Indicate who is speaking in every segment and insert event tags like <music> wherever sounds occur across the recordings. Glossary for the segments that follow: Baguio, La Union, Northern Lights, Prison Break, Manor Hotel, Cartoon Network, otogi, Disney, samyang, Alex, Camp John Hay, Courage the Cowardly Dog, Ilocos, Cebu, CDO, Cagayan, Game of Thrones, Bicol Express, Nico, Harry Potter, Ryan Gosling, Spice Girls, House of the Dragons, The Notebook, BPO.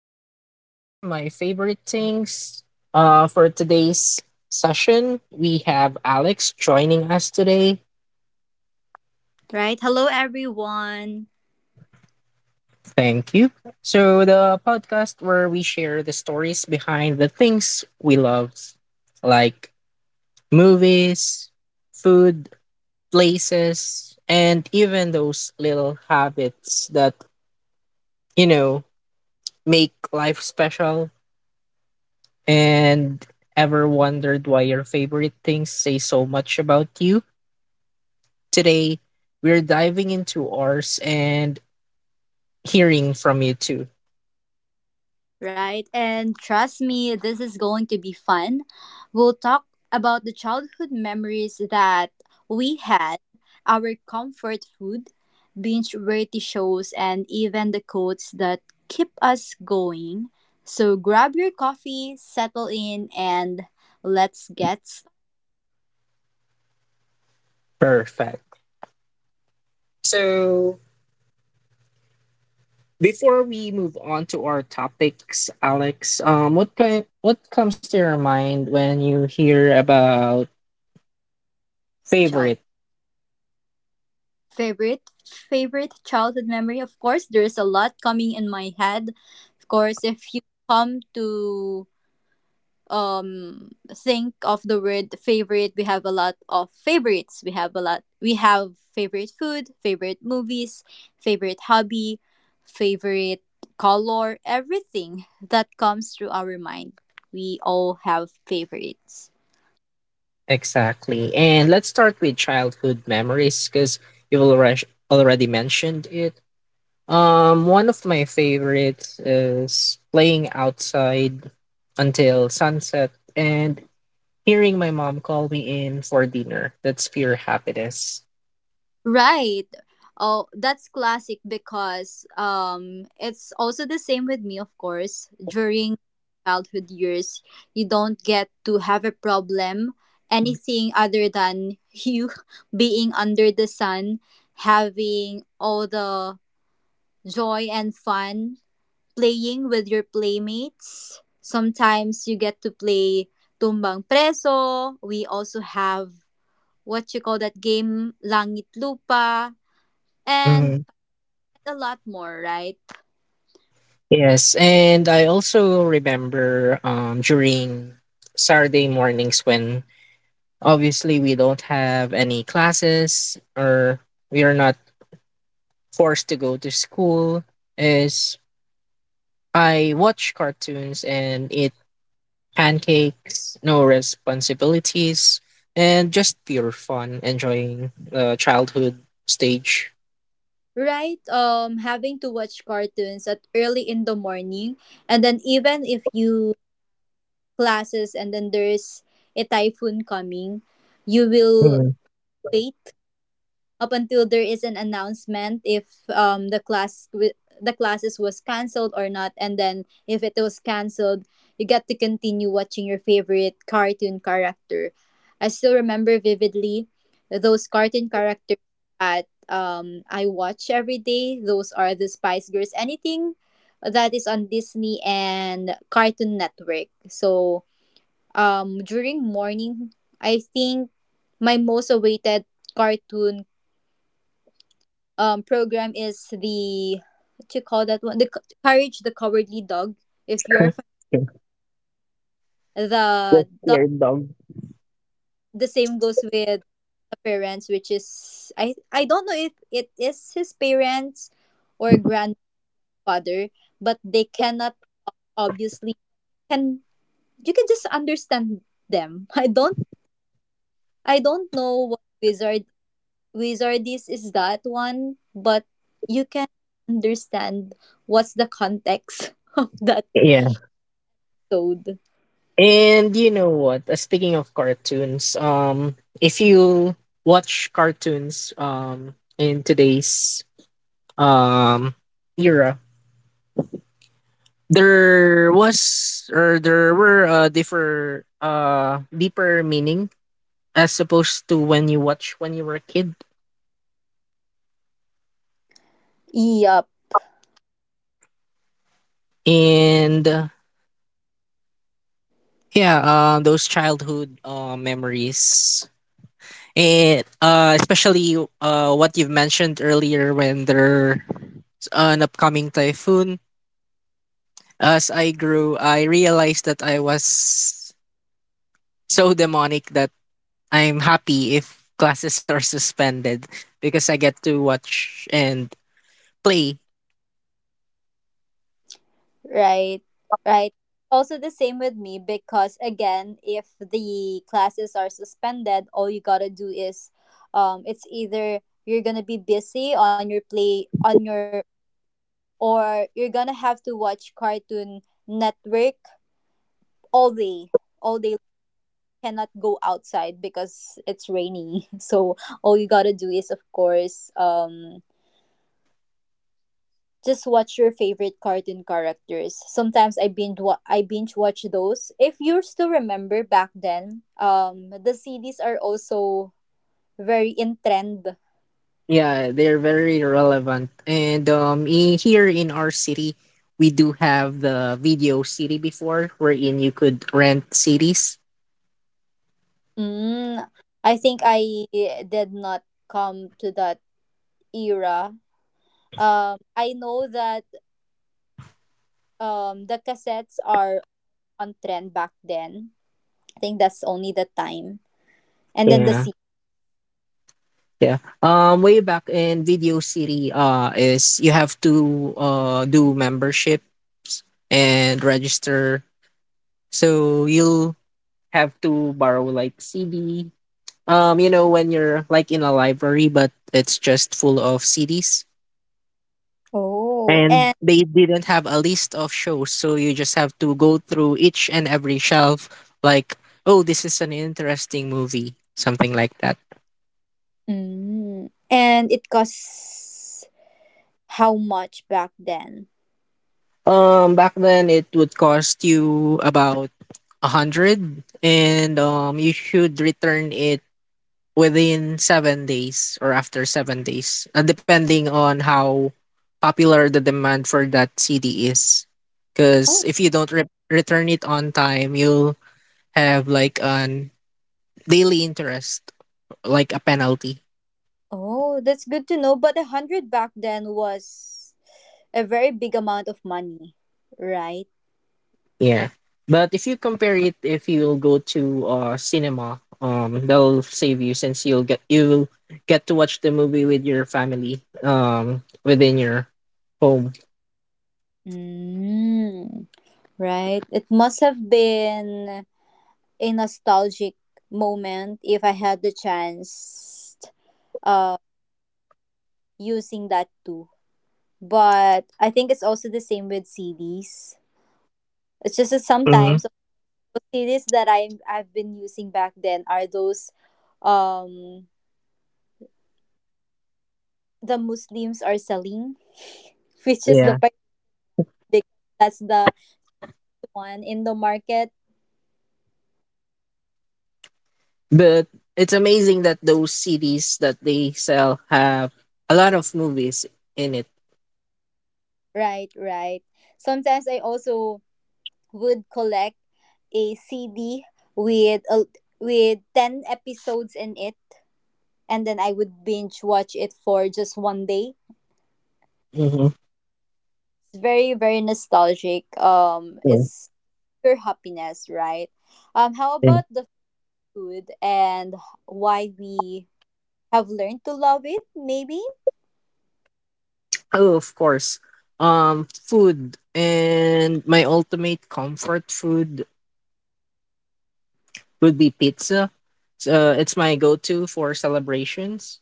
Speaker 1: Welcome to my favorite things. For today's session, we have Alex joining us today.
Speaker 2: Right? Hello, everyone.
Speaker 1: Thank you. So the podcast where we share the stories behind the things we love, like movies, food, places, and even those little habits that you know make life special. And ever wondered why your favorite things say so much about you? Today, we're diving into ours and hearing from you too.
Speaker 2: Right? And trust me, this is going to be fun. We'll talk about the childhood memories that we had, our comfort food, binge variety shows, and even the quotes that keep us going. So grab your coffee, settle in, and let's get started.
Speaker 1: Perfect. So, before we move on to our topics, Alex, what comes to your mind when you hear about
Speaker 2: Child
Speaker 1: favorite
Speaker 2: favorite favorite childhood memory. Of course, there's a lot coming in my head. Of course, if you come to think of the word favorite, we have a lot of favorites. We have a lot. We have favorite food, favorite movies, favorite hobby, favorite color. Everything that comes through our mind, we all have favorites.
Speaker 1: exactly? And let's start with childhood memories because you've already mentioned it. One of my favorites is playing outside until sunset, and hearing my mom call me in for dinner. That's pure happiness.
Speaker 2: Right. Oh, that's classic because it's also the same with me, of course. During childhood years, you don't get to have a problem, anything other than you <laughs> being under the sun, having all the joy and fun, playing with your playmates. Sometimes you get to play tumbang preso. We also have, what you call that game, langit lupa, and
Speaker 1: Mhm.
Speaker 2: a lot more, right.
Speaker 1: Yes, and I also remember during Saturday mornings when obviously we don't have any classes or we are not forced to go to school. Is I watch cartoons and eat pancakes, no responsibilities, and just pure fun, enjoying the childhood stage.
Speaker 2: Right. Having to watch cartoons at early in the morning, and then even if you classes, and then there's a typhoon coming, you will
Speaker 1: Mhm.
Speaker 2: wait up until there is an announcement if the the classes was canceled or not. And then if it was canceled, you get to continue watching your favorite cartoon character. I still remember vividly those cartoon characters that I watch every day. Those are the Spice Girls, anything that is on Disney and Cartoon Network. So during morning, I think my most awaited cartoon program is the, what you call that one, the Courage the Cowardly Dog. If you're
Speaker 1: <laughs> The
Speaker 2: the dog,
Speaker 1: scared dog.
Speaker 2: the same goes with the parents, which is, I don't know if it is his parents or grandfather, but they cannot obviously can, you can just understand them. <laughs> I don't know what wizard is. Is that one? But you can understand what's the context <laughs> of that
Speaker 1: Yeah.
Speaker 2: episode.
Speaker 1: And you know what? Speaking of cartoons, if you watch cartoons in today's um era, there was or there were differ deeper meaning as opposed to when you were a kid.
Speaker 2: Yup,
Speaker 1: And yeah, those childhood memories. And especially what you've mentioned earlier when there an upcoming typhoon. As I grew, I realized that I was so demonic that I'm happy if classes are suspended because I get to watch and play.
Speaker 2: right, right. Also, the same with me because, again, if the classes are suspended, all you gotta do is, it's either you're gonna be busy on your play, or you're gonna have to watch Cartoon Network all day, all day. Cannot go outside because it's rainy. <laughs> So, all you gotta do is, of course, just watch your favorite cartoon characters. Sometimes I binge watch those. If you still remember back then, the CDs are also very in trend.
Speaker 1: Yeah, they're very relevant. And here in our city, we do have the video city before, wherein you could rent cities.
Speaker 2: Mm, I think I did not come to that era. I know that the cassettes are on trend back then. I think that's only the time, and then the
Speaker 1: Yeah,
Speaker 2: CD.
Speaker 1: yeah. Way back in video city, is you have to do membership and register. So you'll have to borrow like CD. When you're like in a library, but it's just full of CDs.
Speaker 2: Oh,
Speaker 1: And
Speaker 2: and
Speaker 1: they didn't have a list of shows, so you just have to go through each and every shelf, like, oh, this is an interesting movie, something like that.
Speaker 2: mm, and it costs how much back then?
Speaker 1: Back then it would cost you about 100, and you should return it within 7 days or after 7 days, depending on how popular the demand for that CD is.
Speaker 2: Oh,
Speaker 1: Because if you don't return it on time, you'll have like an daily interest, like a penalty.
Speaker 2: oh, that's good to know. But a hundred back then was a very big amount of money, right?
Speaker 1: Yeah. But if you compare it, if you'll go to cinema, that'll save you since you'll get to watch the movie with your family, within your home.
Speaker 2: Mm, right. It must have been a nostalgic moment if I had the chance uh using that too. But I think it's also the same with CDs. It's just that
Speaker 1: Hmm.
Speaker 2: sometimes the CDs that I've been using back then are those, um the Muslims are selling, <laughs> which is the,
Speaker 1: Yeah.
Speaker 2: because that's the one in the market.
Speaker 1: But it's amazing that those CDs that they sell have a lot of movies in it.
Speaker 2: Right, right. Sometimes I also would collect a CD with a, with 10 episodes in it, and then I would binge watch it for just one day.
Speaker 1: Mm-hmm.
Speaker 2: It's very very nostalgic. Um
Speaker 1: Yeah,
Speaker 2: it's pure happiness, right? How
Speaker 1: yeah.
Speaker 2: about the food, and why we have learned to love it maybe?
Speaker 1: Oh, of course. Food and my ultimate comfort food would be pizza. So it's my go-to for celebrations.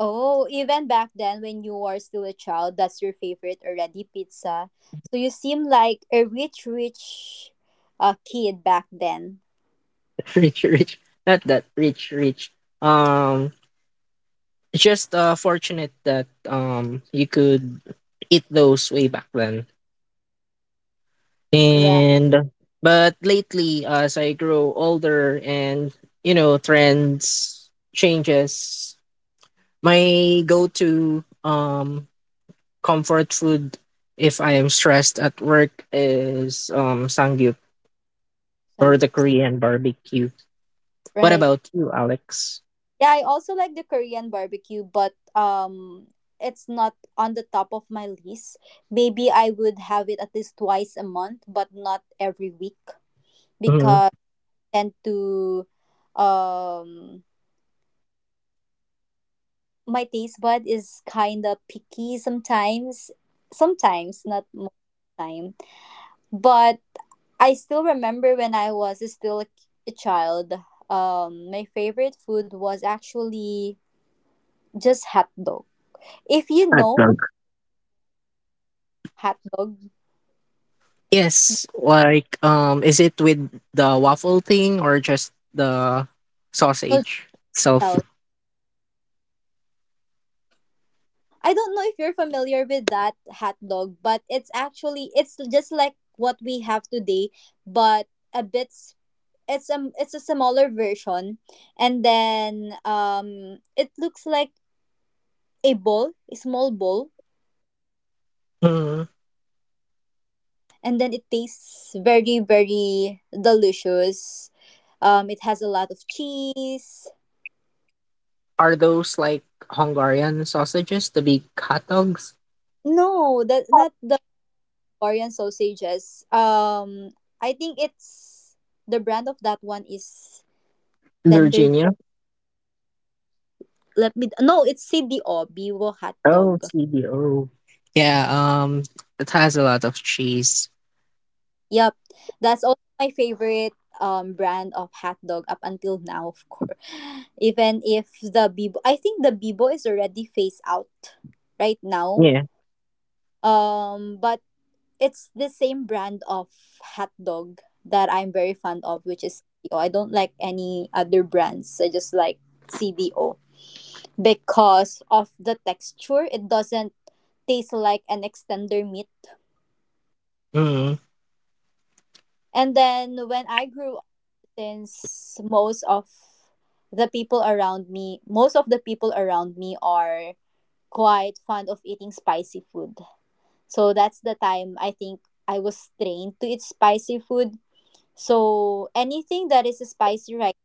Speaker 2: Oh, even back then when you were still a child, that's your favorite already, pizza. So you seem like a rich, rich kid back then.
Speaker 1: <laughs> Rich, rich, not that rich, rich. Um, just fortunate that you could eat those way back then.
Speaker 2: Right.
Speaker 1: And But lately, as I grow older and trends changes, my go-to comfort food if I am stressed at work is sangyup or the
Speaker 2: Samgyeopsal.
Speaker 1: Korean barbecue. What
Speaker 2: Right.
Speaker 1: about you, Alex?
Speaker 2: Yeah, I also like the Korean barbecue, but it's not on the top of my list. Maybe I would have it at least twice a month, but not every week
Speaker 1: Mhm.
Speaker 2: because I tend to, um my taste bud is kind of picky sometimes, not most of the time. But I still remember when I was still a, child. My favorite food was actually just hot dog. If you
Speaker 1: Hot
Speaker 2: know
Speaker 1: dog.
Speaker 2: hot dog,
Speaker 1: Yes, like is it with the waffle thing or just the
Speaker 2: no,
Speaker 1: sausage itself?
Speaker 2: tell. I don't know if you're familiar with that hot dog, but it's actually it's just like what we have today, but a bit, it's a smaller version. And then it looks like a bowl, a small bowl,
Speaker 1: Mm-hmm.
Speaker 2: and then it tastes very very delicious. It has a lot of cheese.
Speaker 1: Are those like Hungarian sausages, the big hot dogs
Speaker 2: No, that's not the Korean sausages. I think it's the brand of that one is
Speaker 1: in
Speaker 2: tender.
Speaker 1: Virginia?
Speaker 2: Let me, no, it's CDO Biwo hot dog.
Speaker 1: Oh, CDO. Yeah, it has a lot of cheese.
Speaker 2: Yep, that's also my favorite brand of hot dog up until now, of course. <laughs> <sighs> Even if the Bibo, I think the Bibo is already phased out right now.
Speaker 1: Yeah.
Speaker 2: But it's the same brand of hot dog that I'm very fond of, which is CDO. I don't like any other brands. I just like CDO because of the texture. It doesn't taste like an extender meat.
Speaker 1: Mm.
Speaker 2: And then when I grew, since most of the people around me are quite fond of eating spicy food. So that's the time, I think I was trained to eat spicy food. So anything that is spicy, right,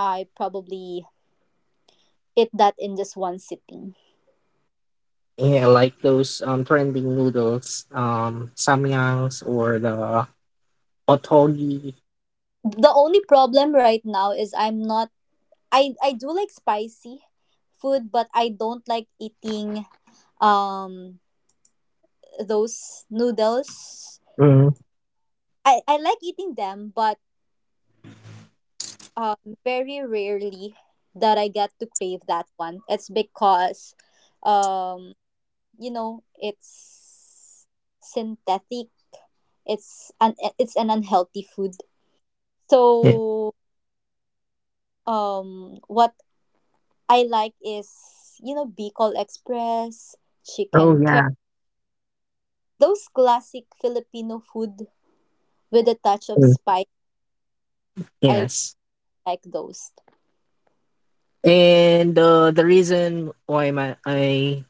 Speaker 2: I probably eat that in just one sitting.
Speaker 1: Yeah, like those trending noodles, samyangs or the otogi.
Speaker 2: The only problem right now is I'm not, I do like spicy food, but I don't like eating um those noodles.
Speaker 1: Mm.
Speaker 2: I like eating them, but um, very rarely that I get to crave that one. It's because, um, you know, it's synthetic. It's an unhealthy food.
Speaker 1: Yeah.
Speaker 2: So what I like is, Bicol Express,
Speaker 1: Oh
Speaker 2: chicken curry,
Speaker 1: yeah.
Speaker 2: those classic Filipino food with a touch of
Speaker 1: Mm.
Speaker 2: spice. I
Speaker 1: Yes.
Speaker 2: like those.
Speaker 1: And the reason why my I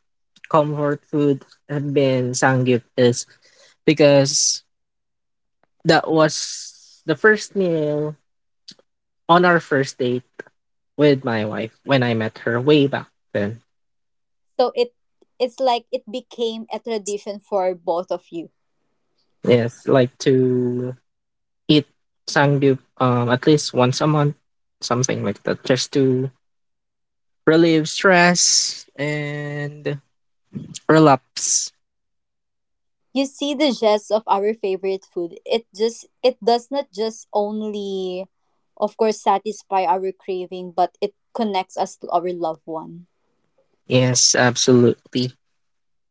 Speaker 1: comfort food have been sangyup is because that was the first meal on our first date with my wife when I met her way back then.
Speaker 2: So it's like it became a tradition for both of you.
Speaker 1: Yes, like to eat sangyup, at least once a month, something like that, just to relieve stress and relapse.
Speaker 2: You see the gist of our favorite food. It just, it does not just only, of course, satisfy our craving, but it connects us to our loved one.
Speaker 1: Yes, absolutely.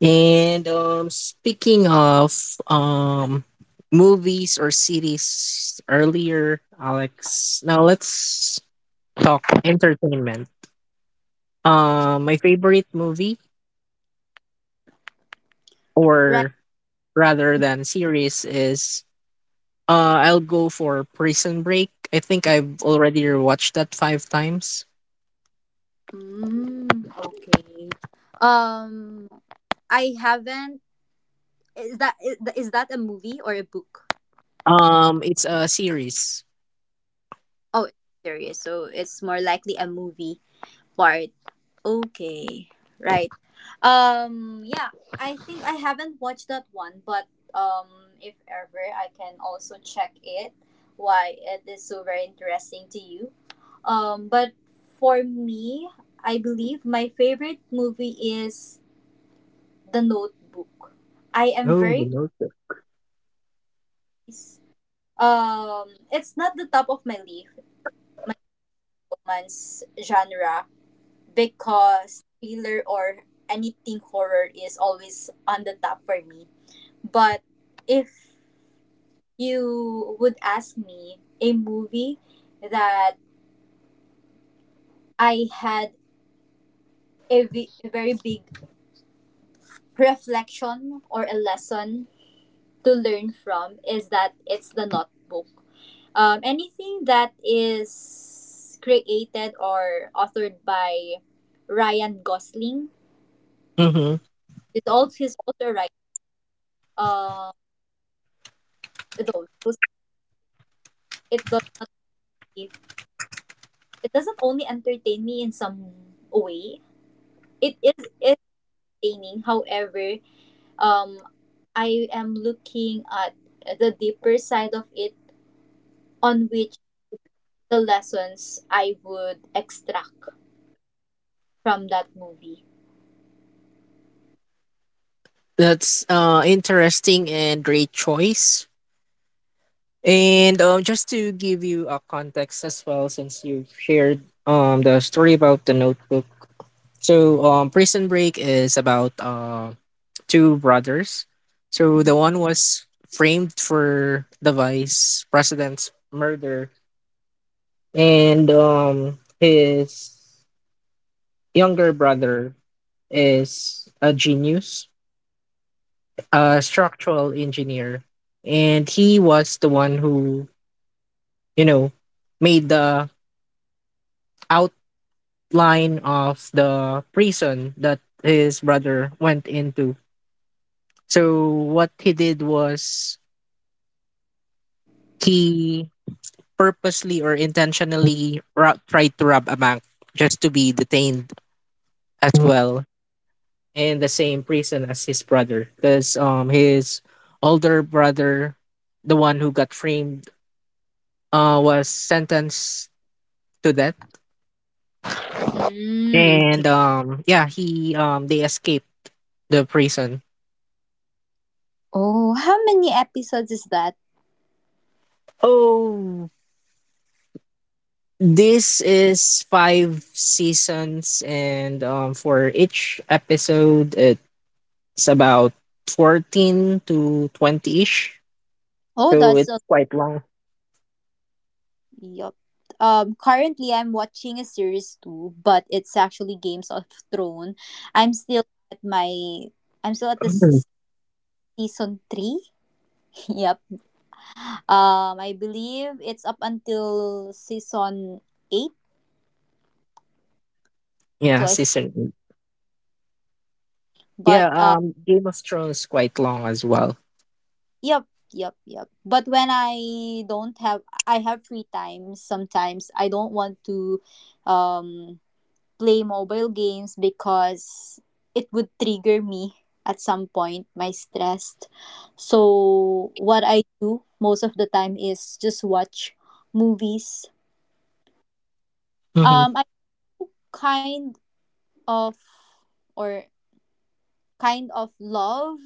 Speaker 1: And speaking of, um, movies or series earlier, Alex, now let's talk entertainment. My favorite movie,
Speaker 2: Right.
Speaker 1: or rather than series, is, I'll go for Prison Break. I think I've already watched that five times.
Speaker 2: Mm, okay. Um I haven't, is that a movie or a book?
Speaker 1: It's a series.
Speaker 2: Oh, it's serious. So it's more likely a movie part. Okay, right. Yeah, I think I haven't watched that one, but if ever I can also check it. Why it is so very interesting to you. But for me, I believe my favorite movie is The Notebook. I am
Speaker 1: Oh, the
Speaker 2: very,
Speaker 1: Notebook.
Speaker 2: it's not the top of my leaf, my romance genre, because thriller or anything horror is always on the top for me. But if you would ask me a movie that I had a, a very big reflection or a lesson to learn from, is that it's the notebook. Anything that is created or authored by Ryan Gosling
Speaker 1: Mm-hmm.
Speaker 2: is also his author, right, uh those those- it does, it doesn't only entertain me in some way. It is entertaining. However, um, I am looking at the deeper side of it, on which the lessons I would extract from that movie.
Speaker 1: That's interesting and great choice. And just to give you a context as well, since you shared the story about the Notebook. So, Prison Break is about two brothers. So the one was framed for the vice president's murder, and his younger brother is a genius, a structural engineer, and he was the one who you know made the outline of the prison that his brother went into. So what he did was he purposely or intentionally tried to rob a bank just to be detained as well in the same prison as his brother, because his older brother, the one who got framed, was sentenced to death.
Speaker 2: Mm,
Speaker 1: And
Speaker 2: okay.
Speaker 1: yeah, he they escaped the prison.
Speaker 2: Oh, how many episodes is that?
Speaker 1: Oh, this is five seasons, and for each episode it's about 14 to 20ish,
Speaker 2: Oh,
Speaker 1: so
Speaker 2: that's a,
Speaker 1: it's quite long.
Speaker 2: yup. Currently I'm watching a series too, but it's actually Games of Throne. I'm still at my I'm still at the
Speaker 1: Mhm.
Speaker 2: season three. <laughs> Yep. I believe it's up until season eight. So
Speaker 1: Yeah,
Speaker 2: I, s-
Speaker 1: season eight.
Speaker 2: but
Speaker 1: Yeah, Game of Thrones quite long as well.
Speaker 2: yep, yep, yep. But when I don't have, I have free time. Sometimes I don't want to, um, play mobile games because it would trigger me at some point my stress. So what I do most of the time is just watch movies.
Speaker 1: Hmm.
Speaker 2: I kind of or kind of love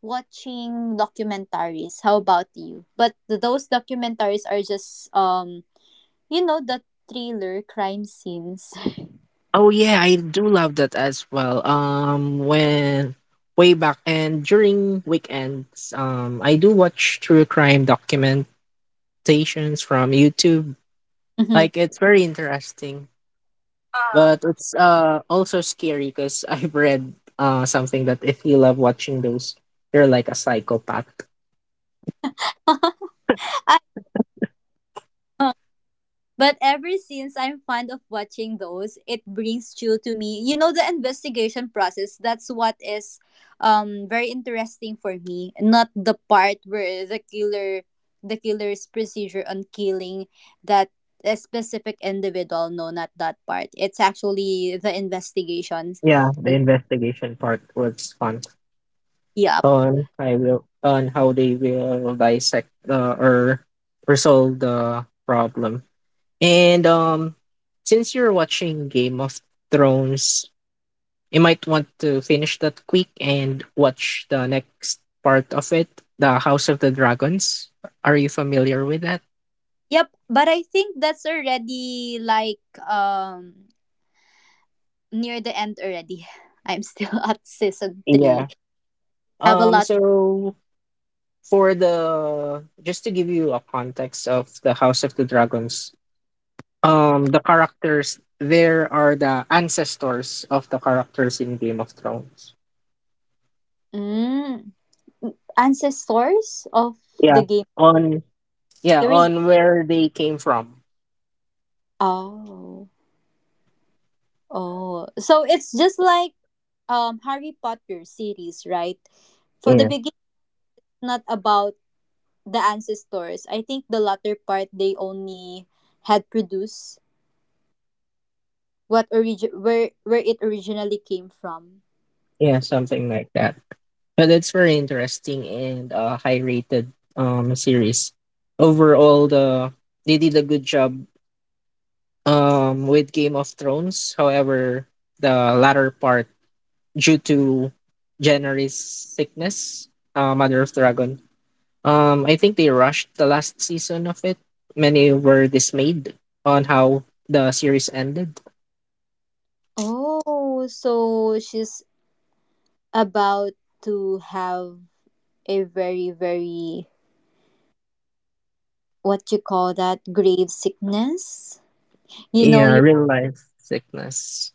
Speaker 2: watching documentaries. How about you? But those documentaries are just, the thriller crime scenes.
Speaker 1: Oh yeah, I do love that as well. When way back and during weekends, I do watch true crime documentations from YouTube.
Speaker 2: <laughs> Mhm.
Speaker 1: Like it's very interesting, but it's also scary because <laughs> I've read something that if you love watching those, you're like a psychopath.
Speaker 2: But ever since I'm fond of watching those, it brings chill to me. You know the investigation process, that's what is very interesting for me. Not the part where the killer's procedure on killing that a specific individual. No, not that part. It's actually the investigations.
Speaker 1: Yeah, the investigation part was fun.
Speaker 2: Yep.
Speaker 1: On how they will dissect, or resolve the problem. And since you're watching Game of Thrones, you might want to finish that quick and watch the next part of it, the House of the Dragons. Are you familiar with that?
Speaker 2: Yep. But I think that's already like, um near the end already. <laughs> I'm still <laughs> at season
Speaker 1: Yeah.
Speaker 2: three, have a lot.
Speaker 1: So for the, just to give you a context of the House of the Dragons, the characters there are the ancestors of the characters in Game of Thrones.
Speaker 2: Mm. Ancestors of the
Speaker 1: Yeah.
Speaker 2: game
Speaker 1: On, yeah,
Speaker 2: series.
Speaker 1: on where they came from.
Speaker 2: Oh. Oh. So it's just like Harry Potter series, right? For the
Speaker 1: Yeah.
Speaker 2: beginning, not about the ancestors. I think the latter part they only had produced what where it originally came from.
Speaker 1: Yeah, something like that. But it's very interesting and high rated series. Overall they did a good job with Game of Thrones. However, the latter part due to Jenner's sickness, Mother of Dragon, I think they rushed the last season of it. Many were dismayed on how the series ended.
Speaker 2: Oh, so she's about to have a very, very, what you call that, grave sickness? You know,
Speaker 1: Yeah, real life sickness.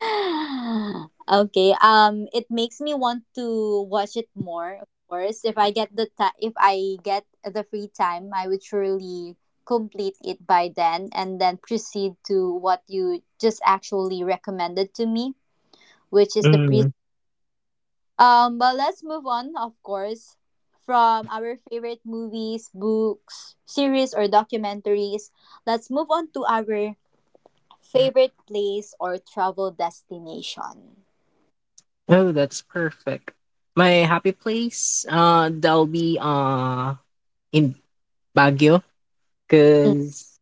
Speaker 2: <laughs> okay. It makes me want to watch it more. Of course, if I get the ti if I get the free time, I would surely complete it by then, and then proceed to what you just actually recommended to me, which is the pre.
Speaker 1: Mm.
Speaker 2: But let's move on. Of course, from our favorite movies, books, series, or documentaries, let's move on to our favorite place or travel destination.
Speaker 1: Oh, that's perfect. My happy place, that'll be in Baguio,
Speaker 2: Mm,
Speaker 1: cause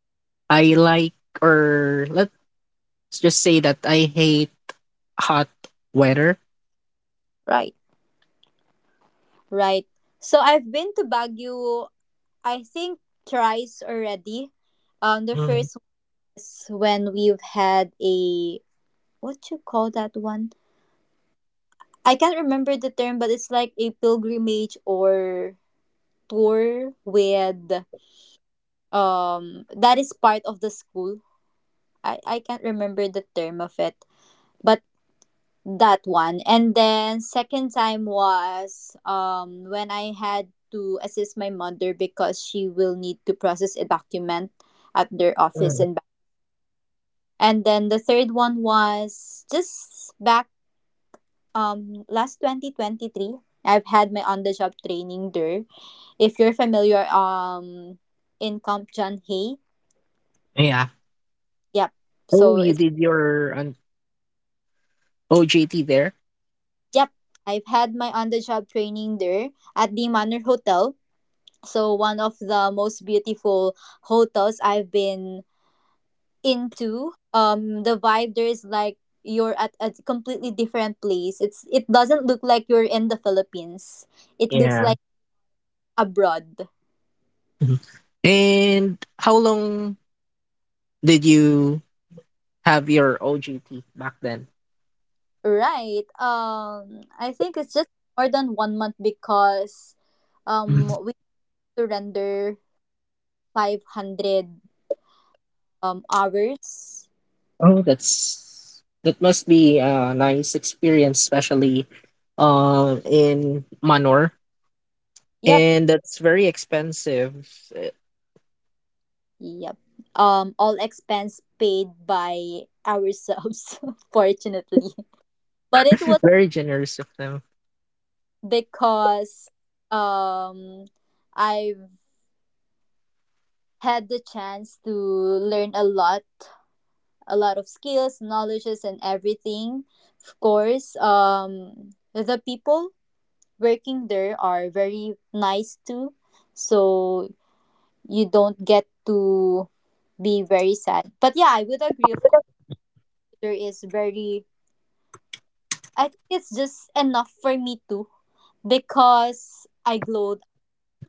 Speaker 1: I like or let's just say that I hate hot weather.
Speaker 2: right. Right. So I've been to Baguio, I think thrice already. The
Speaker 1: Mm.
Speaker 2: first was when we've had a what you call that one? I can't remember the term, but it's like a pilgrimage or tour with that is part of the school. I can't remember the term of it, but that one. And then second time was when I had to assist my mother because she will need to process a document at their office
Speaker 1: Mm.
Speaker 2: and back. And then the third one was just back last 2023. I've had my on the job training there, if you're familiar, in Camp John Hay.
Speaker 1: Yeah.
Speaker 2: Yep,
Speaker 1: Oh,
Speaker 2: so
Speaker 1: you
Speaker 2: it's
Speaker 1: did your OJT there?
Speaker 2: yep, I've had my on the job training there at the Manor Hotel. So one of the most beautiful hotels I've been into. The vibe there is like you're at a completely different place. It doesn't look like you're in the Philippines. It looks
Speaker 1: Yeah.
Speaker 2: like abroad.
Speaker 1: Mhm. And how long did you have your OGT back then?
Speaker 2: Right. I think it's just more than 1 month because
Speaker 1: Mhm.
Speaker 2: we surrender 500 hours.
Speaker 1: Oh, that must be a nice experience, especially in Manor.
Speaker 2: Yep.
Speaker 1: And that's very expensive. <laughs>
Speaker 2: Yep. All expense paid by ourselves, <laughs> fortunately. But it was
Speaker 1: Very generous of them.
Speaker 2: because um I've had the chance to learn a lot of skills, knowledges, and everything. Of course, the people working there are very nice too, so you don't get to be very sad. But yeah, I would agree. Of course, there is very. I think it's just enough for me too because I glow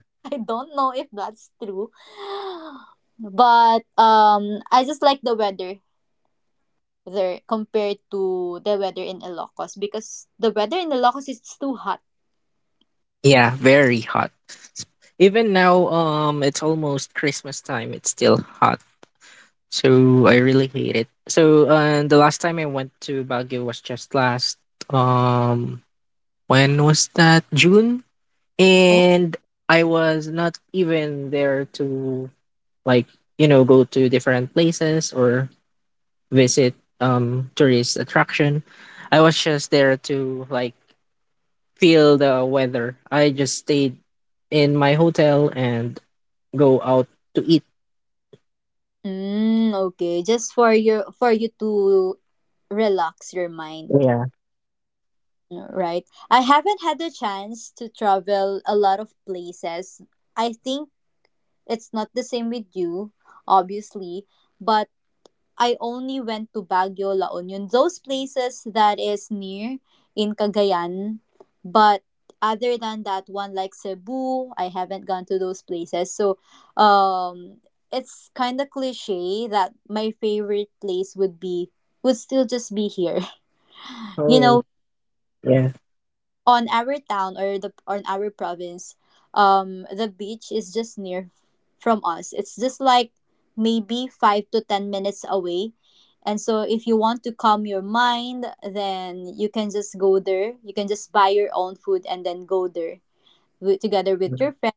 Speaker 2: <laughs> I don't know if that's true. But I just like the weather there compared to the weather in Ilocos because the weather in Ilocos is too hot.
Speaker 1: Yeah, very hot. Even now, it's almost Christmas time. It's still hot. So I really hate it. So the last time I went to Baguio was just last. um When was that? June?
Speaker 2: Oh.
Speaker 1: And I was not even there to like, go to different places or visit tourist attraction. I was just there to like feel the weather. I just stayed in my hotel and go out to eat.
Speaker 2: Mm, okay, just for your for you to relax your mind,
Speaker 1: Yeah.
Speaker 2: right? I haven't had the chance to travel a lot of places. I think it's not the same with you, obviously, but I only went to Baguio, La Union, those places that is near in Cagayan. But other than that one, like Cebu, I haven't gone to those places. So, um, it's kind of cliche that my favorite place would be would still just be here. <laughs> You
Speaker 1: Oh,
Speaker 2: know,
Speaker 1: yeah.
Speaker 2: on our town or the on our province, the beach is just near from us. It's just like maybe 5 to 10 minutes away. And so if you want to calm your mind, then you can just go there. You can just buy your own food and then go there together with your friend,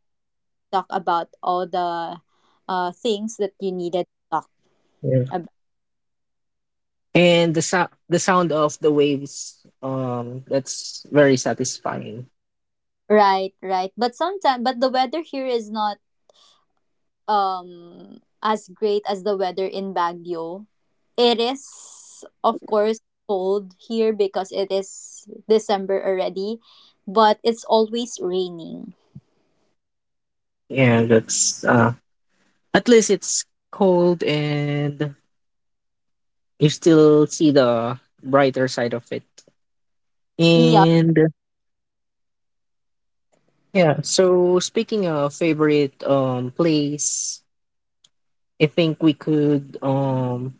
Speaker 2: talk about all the things that you needed to talk
Speaker 1: Yeah.
Speaker 2: about.
Speaker 1: And the sound of the waves, that's very satisfying.
Speaker 2: Right, right. But sometimes, but the weather here is not um as great as the weather in Baguio. It is, of course, cold here because it is December already, but it's always raining.
Speaker 1: Yeah, that's at least it's cold and you still see the brighter side of it.
Speaker 2: Yeah,
Speaker 1: And yeah, so speaking of favorite place, I think we could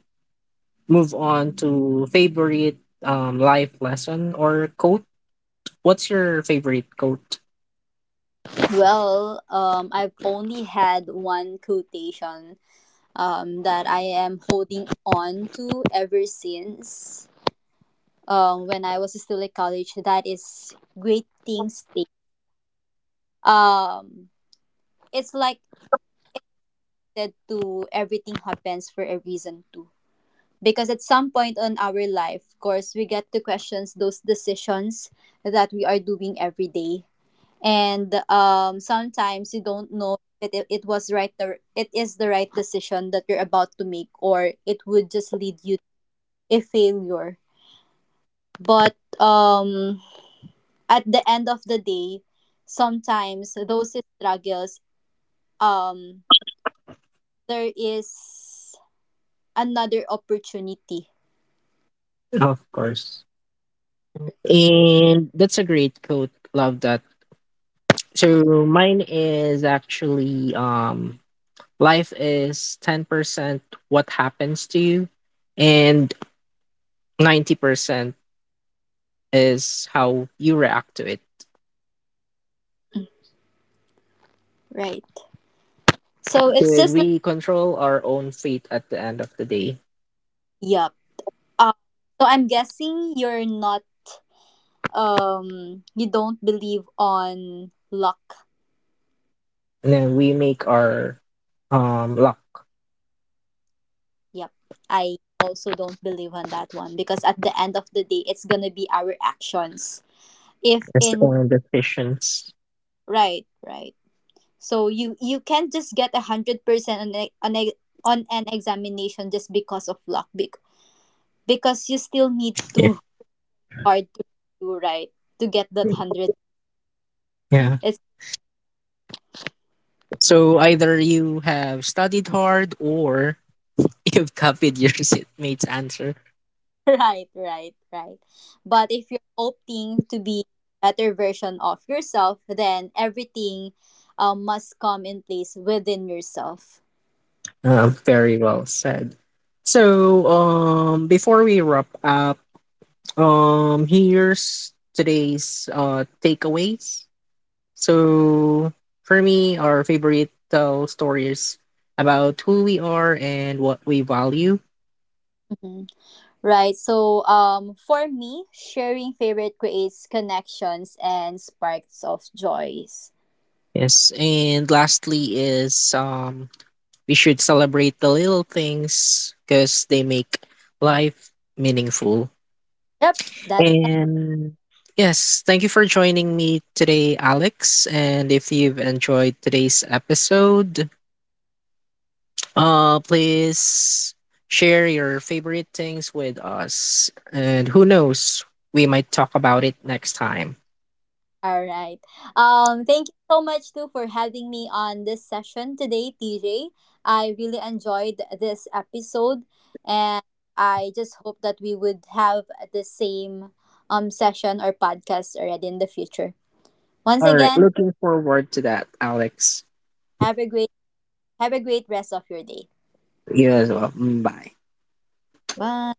Speaker 1: move on to favorite life lesson or quote. What's your favorite quote?
Speaker 2: well, I've only had one quotation that I am holding on to ever since when I was still in college. That is great things take. Um, it's like that to everything happens for a reason too. Because at some point in our life of course we get to question those decisions that we are doing every day and sometimes you don't know that it was right it is the right decision that you're about to make or it would just lead you to a failure. But at the end of the day sometimes those struggles um, there is another opportunity.
Speaker 1: Of course. And that's a great quote. Love that. So mine is actually, Life is 10% what happens to you, and 90% is how you react to it.
Speaker 2: Right, so it's
Speaker 1: Did
Speaker 2: just like
Speaker 1: we control our own fate at the end of the day?
Speaker 2: yeah. Um, so I'm guessing you're not you don't believe on luck.
Speaker 1: And then we make our luck
Speaker 2: Yep. I also don't believe on that one because at the end of the day it's going to be our actions. If
Speaker 1: as
Speaker 2: in
Speaker 1: our decisions.
Speaker 2: right, right. So you can't just get a 100% on a, on a, on an examination just because of luck because you still need
Speaker 1: Yeah.
Speaker 2: to hard to do right to get that 100.
Speaker 1: Yeah. So either you have studied hard or <laughs> you've copied your <laughs> seatmate's answer.
Speaker 2: Right, right, right. But if you're opting to be better version of yourself, then everything must come in place within yourself.
Speaker 1: Very well said. So, before we wrap up, here's today's takeaways. So for me, our favorite tell stories about who we are and what we value.
Speaker 2: Mhm. Right. So for me, sharing favorite creates connections and sparks of joys.
Speaker 1: Yes, and lastly is, we should celebrate the little things because they make life meaningful.
Speaker 2: Yep. That
Speaker 1: And yes, thank you for joining me today, Alex. And if you've enjoyed today's episode, please share your favorite things with us. And who knows, we might talk about it next time.
Speaker 2: all right. Thank you so much too for having me on this session today, TJ. I really enjoyed this episode, and I just hope that we would have the same session or podcast already in the future. Once
Speaker 1: All right,
Speaker 2: again,
Speaker 1: looking forward to that, Alex.
Speaker 2: have a great have a great rest of your day.
Speaker 1: You as well. Mm, bye.
Speaker 2: Bye.